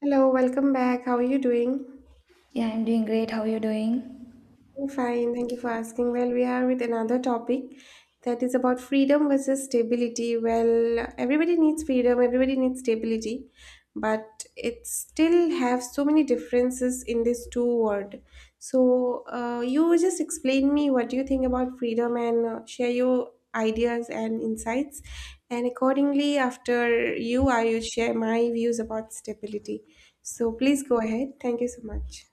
Hello, welcome back. How are you doing? Yeah, I'm doing great. How are you doing? I'm fine. Thank you for asking. Well, we are with another topic that is about freedom versus stability. Well, everybody needs freedom, everybody needs stability, but it still have so many differences in these two word. So, you just explain me what you think about freedom and share your ideas and insights. And accordingly, after you, I will share my views about stability. So, please go ahead. Thank you so much.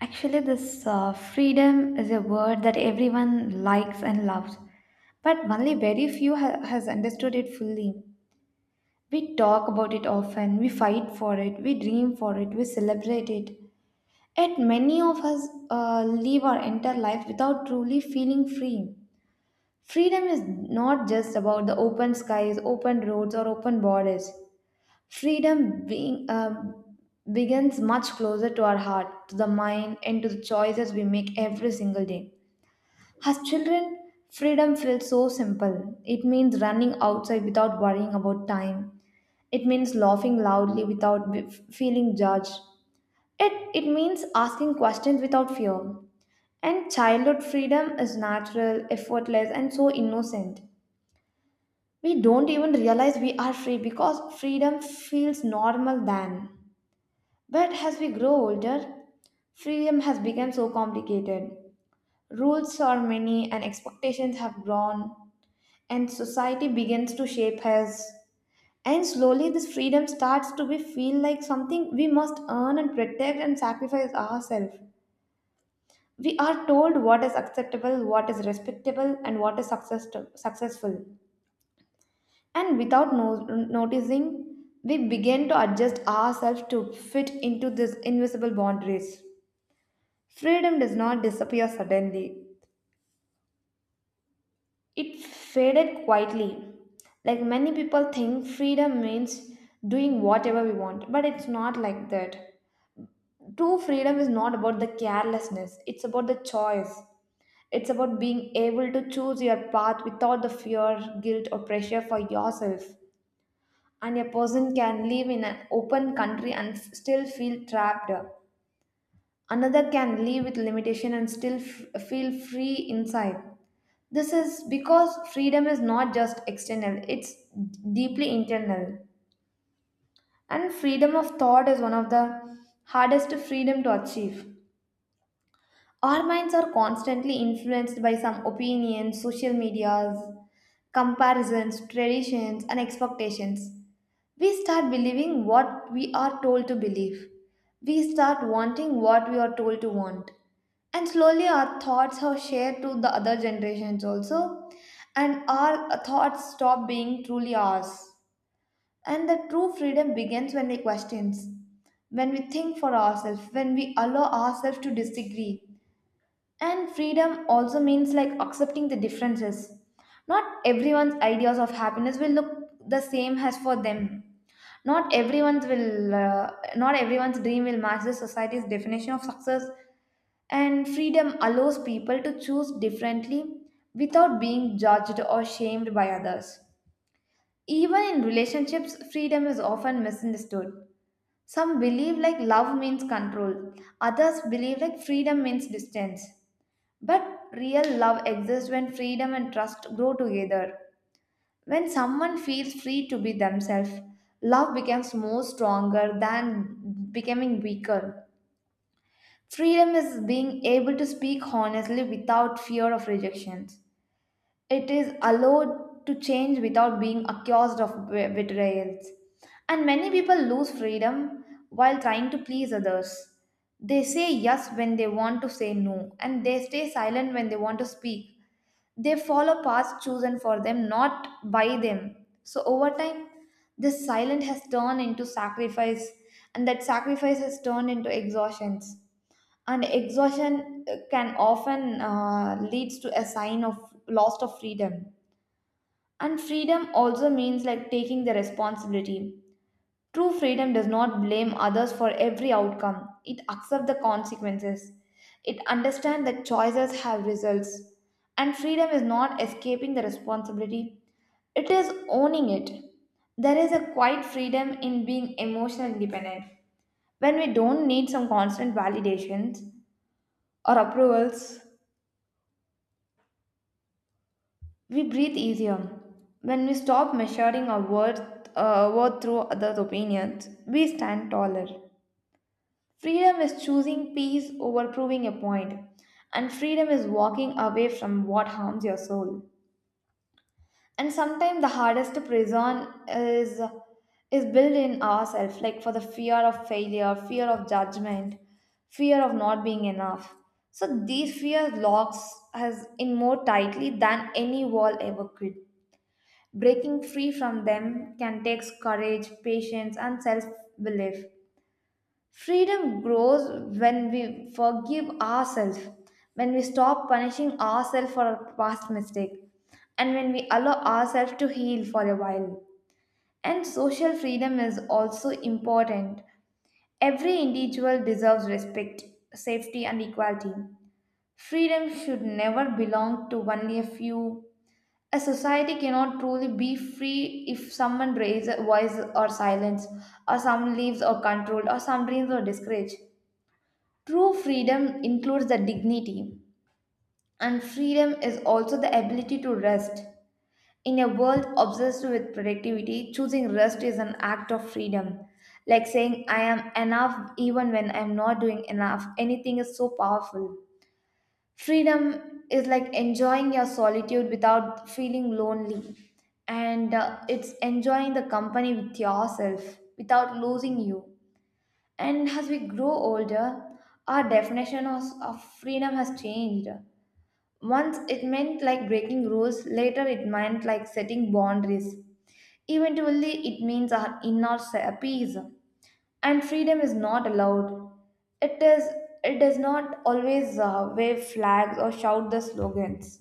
Actually, this freedom is a word that everyone likes and loves, but only very few has understood it fully. We talk about it often, we fight for it, we dream for it, we celebrate it. Yet many of us live our entire life without truly feeling free. Freedom is not just about the open skies, open roads, or open borders. Freedom being, um, Begins much closer to our heart, to the mind, and to the choices we make every single day. As children, freedom feels so simple. It means running outside without worrying about time. It means laughing loudly without feeling judged. It means asking questions without fear. And childhood freedom is natural, effortless, and so innocent. We don't even realize we are free because freedom feels normal then. But as we grow older, freedom has become so complicated. Rules are many and expectations have grown, and society begins to shape us. And slowly, this freedom starts to be feel like something we must earn and protect and sacrifice ourselves. We are told what is acceptable, what is respectable, and what is successful. And without noticing, we begin to adjust ourselves to fit into these invisible boundaries. Freedom does not disappear suddenly. It faded quietly. Like many people think freedom means doing whatever we want, but it's not like that. True freedom is not about the carelessness, it's about the choice. It's about being able to choose your path without the fear, guilt, or pressure for yourself. And a person can live in an open country and still feel trapped. Another can live with limitation and still feel free inside. This is because freedom is not just external, it's deeply internal. And freedom of thought is one of the hardest freedom to achieve. Our minds are constantly influenced by some opinions, social medias, comparisons, traditions, and expectations. We start believing what we are told to believe. We start wanting what we are told to want. And slowly our thoughts are shared to the other generations also, and our thoughts stop being truly ours. And the true freedom begins when we question, when we think for ourselves, when we allow ourselves to disagree and freedom also means like accepting the differences. Not everyone's ideas of happiness will look the same as for them. Not everyone's dream will match the society's definition of success and freedom allows people to choose differently without being judged or shamed by others. Even in relationships, freedom is often misunderstood. Some believe like love means control, others believe like freedom means distance. But real love exists when freedom and trust grow together. When someone feels free to be themselves, love becomes more stronger than becoming weaker. Freedom is being able to speak honestly without fear of rejections. It is allowed to change without being accused of betrayals. And many people lose freedom while trying to please others. They say yes when they want to say no, and they stay silent when they want to speak. They follow paths chosen for them, not by them. So over time, this silence has turned into sacrifice, and that sacrifice has turned into exhaustions. And exhaustion can often leads to a sign of loss of freedom. And freedom also means like taking the responsibility. True freedom does not blame others for every outcome. It accepts the consequences. It understands that choices have results. And freedom is not escaping the responsibility, it is owning it. There is a quiet freedom in being emotionally independent. When we don't need some constant validations or approvals, we breathe easier. When we stop measuring our worth, worth through others' opinions, we stand taller. Freedom is choosing peace over proving a point, and freedom is walking away from what harms your soul. And sometimes the hardest prison is built in ourselves, like for the fear of failure, fear of judgment, fear of not being enough. So these fears locks us in more tightly than any wall ever could. Breaking free from them can take courage, patience, and self belief. Freedom grows when we forgive ourselves, when we stop punishing ourselves for our past mistake, and when we allow ourselves to heal for a while. And social freedom is also important. Every individual deserves respect, safety, and equality. Freedom should never belong to only a few. A society cannot truly be free if someone raises a voice or silence, or some lives are controlled, or some dreams are discouraged. True freedom includes the dignity, and freedom is also the ability to rest. In a world obsessed with productivity, choosing rest is an act of freedom. Like saying, I am enough even when I'm not doing enough. Anything is so powerful. Freedom is like enjoying your solitude without feeling lonely, and it's enjoying the company with yourself without losing you. And as we grow older, our definition of freedom has changed. Once it meant like breaking rules, later it meant like setting boundaries. Eventually, it means our inner peace. And freedom is not allowed. It is. It does not always wave flags or shout the slogans.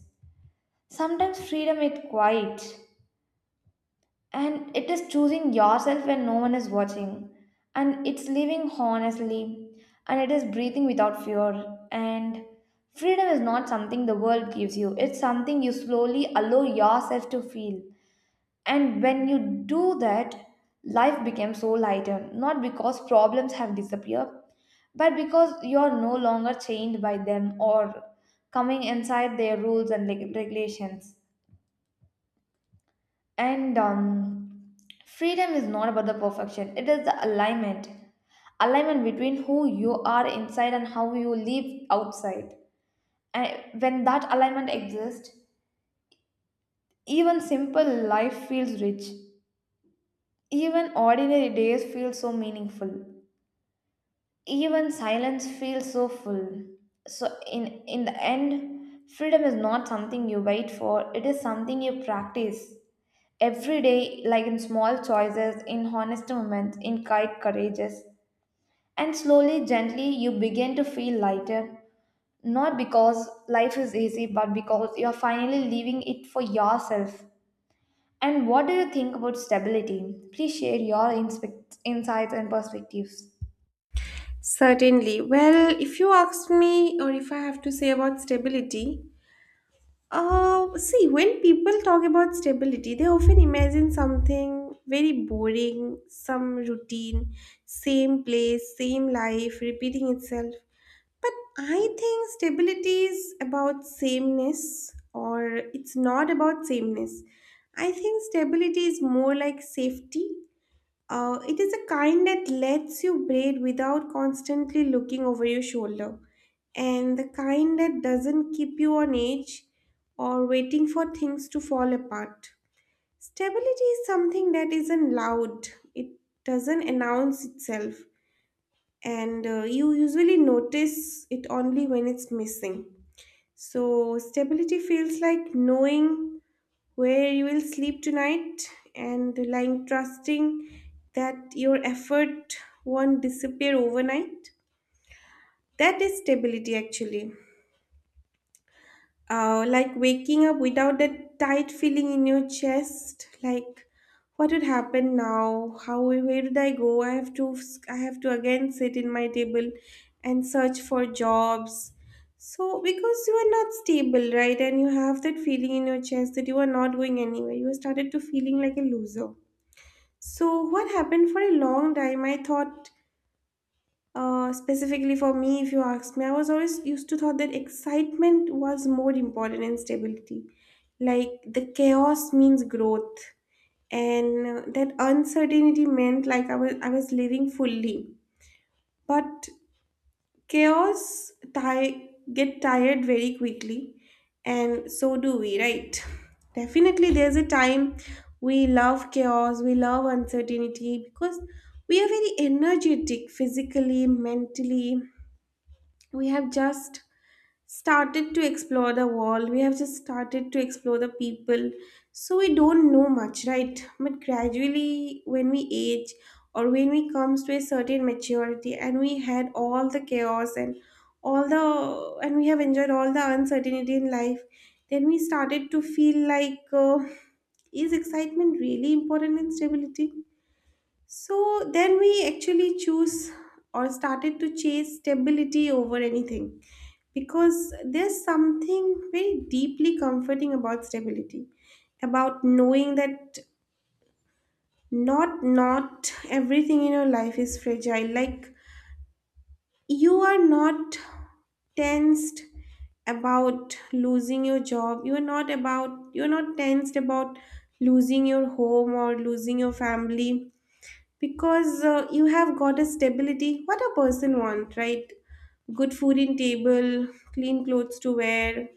Sometimes freedom is quiet. And it is choosing yourself when no one is watching. And it's living honestly. And it is breathing without fear. And freedom is not something the world gives you, it's something you slowly allow yourself to feel. And when you do that, life becomes so lighter. Not because problems have disappeared, but because you are no longer chained by them or coming inside their rules and regulations. And freedom is not about the perfection, it is the alignment. Alignment between who you are inside and how you live outside. And when that alignment exists, even simple life feels rich. Even ordinary days feel so meaningful. Even silence feels so full. So in the end, freedom is not something you wait for, it is something you practice every day, like in small choices, in honest moments, in quiet courageous. And slowly, gently, you begin to feel lighter, not because life is easy but because you are finally leaving it for yourself. And what do you think about stability? Please share your insights and perspectives. Certainly. Well, if you ask me, or if I have to say about stability, see, when people talk about stability, they often imagine something very boring, some routine, same place, same life, repeating itself. But I think stability is about sameness, or it's not about sameness. I think stability is more like safety. Uh, it is a kind that lets you braid without constantly looking over your shoulder, and the kind that doesn't keep you on edge or waiting for things to fall apart. Stability is something that isn't loud, it doesn't announce itself, and you usually notice it only when it's missing. So, stability feels like knowing where you will sleep tonight and lying trusting that your effort won't disappear overnight. That is stability actually. Like waking up without that tight feeling in your chest, like what would happen now? How, where did I go? I have to again sit in my table and search for jobs. So because you are not stable, right? And you have that feeling in your chest that you are not going anywhere. You started to feeling like a loser. So, what happened for a long time, I thought, specifically for me, if you ask me, I was always used to thought that excitement was more important than stability. Like the chaos means growth, and that uncertainty meant like I was living fully. But chaos get tired very quickly, and so do we, right? Definitely, there's a time we love chaos, we love uncertainty because we are very energetic physically, mentally. We have just started to explore the world, we have just started to explore the people, so we don't know much, right? But gradually when we age or when we comes to a certain maturity and we had all the chaos and all the and we have enjoyed all the uncertainty in life, then we started to feel like, is excitement really important in stability? So then we actually choose or started to chase stability over anything, because there's something very deeply comforting about stability, about knowing that not everything in your life is fragile. Like you are not tensed about losing your job, you're not tensed about losing your home or losing your family, because you have got a stability. What a person want, right? Good food in table, clean clothes to wear,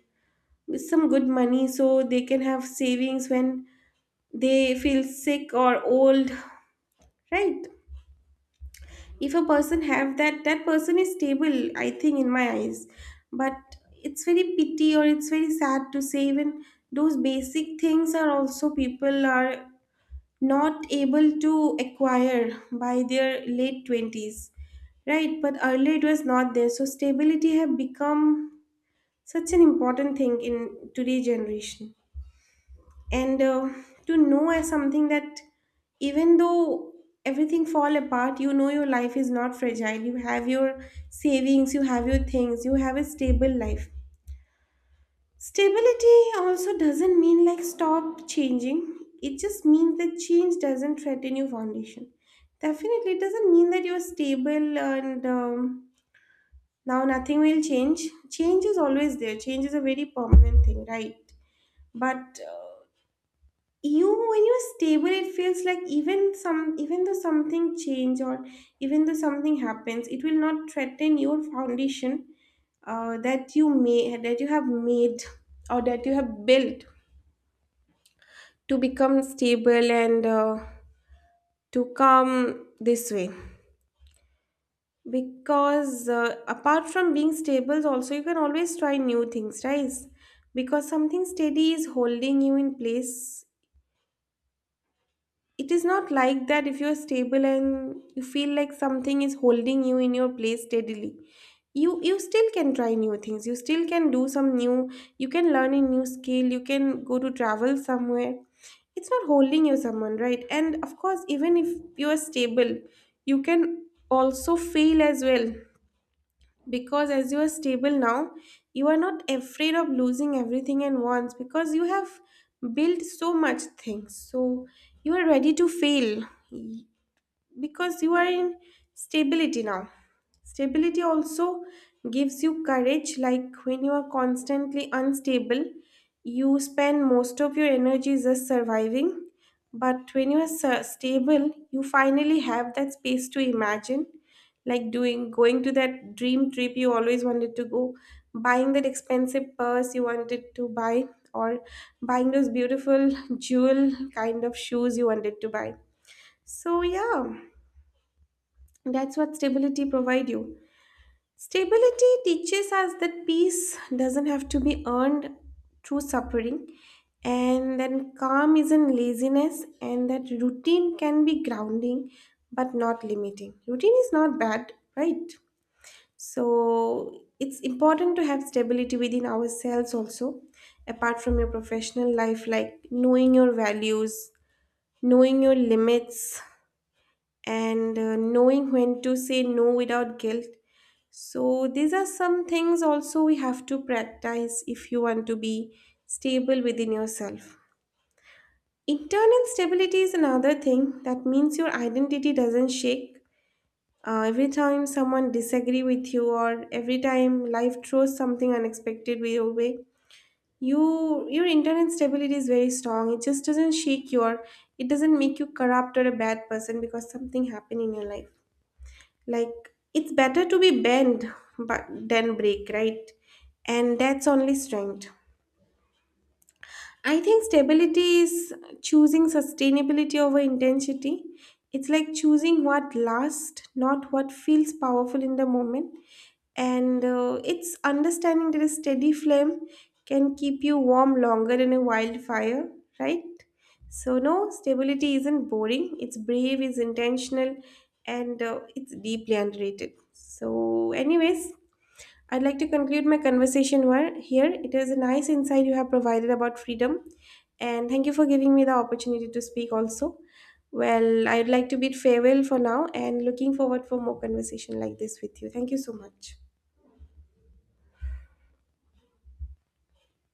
some good money so they can have savings when they feel sick or old, right? If a person have that, that person is stable, I think, in my eyes. But it's very pity, or it's very sad to say, even those basic things are also people are not able to acquire by their late 20s, right? But earlier it was not there, so stability have become such an important thing in today's generation. And to know as something that even though everything fall apart, you know your life is not fragile, you have your savings, you have your things, you have a stable life. Stability also doesn't mean like stop changing. It just means that change doesn't threaten your foundation. Definitely, it doesn't mean that you're stable and now nothing will change. Change is always there. Change is a very permanent thing, right? But you, when you're stable, it feels like even some, even though something change or even though something happens, it will not threaten your foundation that you may that you have made or that you have built to become stable, and to come this way. Because apart from being stable also, you can always try new things, right? Because something steady is holding you in place. It is not like that. If you're stable and you feel like something is holding you in your place steadily, you still can try new things, you still can do some new, you can learn a new skill, you can go to travel somewhere. It's not holding you someone, right? And of course, even if you are stable, you can also fail as well, because as you are stable now, you are not afraid of losing everything at once, because you have built so much things, so you are ready to fail, because you are in stability now. Stability also gives you courage, like when you are constantly unstable, you spend most of your energy just surviving. But when you are stable, you finally have that space to imagine, like doing, going to that dream trip you always wanted to go, buying that expensive purse you wanted to buy, or buying those beautiful jewel kind of shoes you wanted to buy. So, yeah. That's what stability provide you. Stability teaches us that peace doesn't have to be earned through suffering, and then calm isn't laziness, and that routine can be grounding but not limiting. Routine is not bad, right? So it's important to have stability within ourselves also, apart from your professional life, like knowing your values, knowing your limits, and knowing when to say no without guilt. So, these are some things also we have to practice if you want to be stable within yourself. Internal stability is another thing that means your identity doesn't shake. Every time someone disagree with you, or every time life throws something unexpected way your way, you, your internal stability is very strong. It just doesn't shake your, it doesn't make you corrupt or a bad person because something happened in your life. Like, it's better to be bent but than break, right? And that's only strength. I think stability is choosing sustainability over intensity. It's like choosing what lasts, not what feels powerful in the moment. And it's understanding that a steady flame can keep you warm longer than a wildfire, right? So, no, stability isn't boring. It's brave, it's intentional, and it's deeply underrated. So, anyways, I'd like to conclude my conversation where, here. It is a nice insight you have provided about freedom, and thank you for giving me the opportunity to speak also. Well, I'd like to bid farewell for now and looking forward for more conversation like this with you. Thank you so much.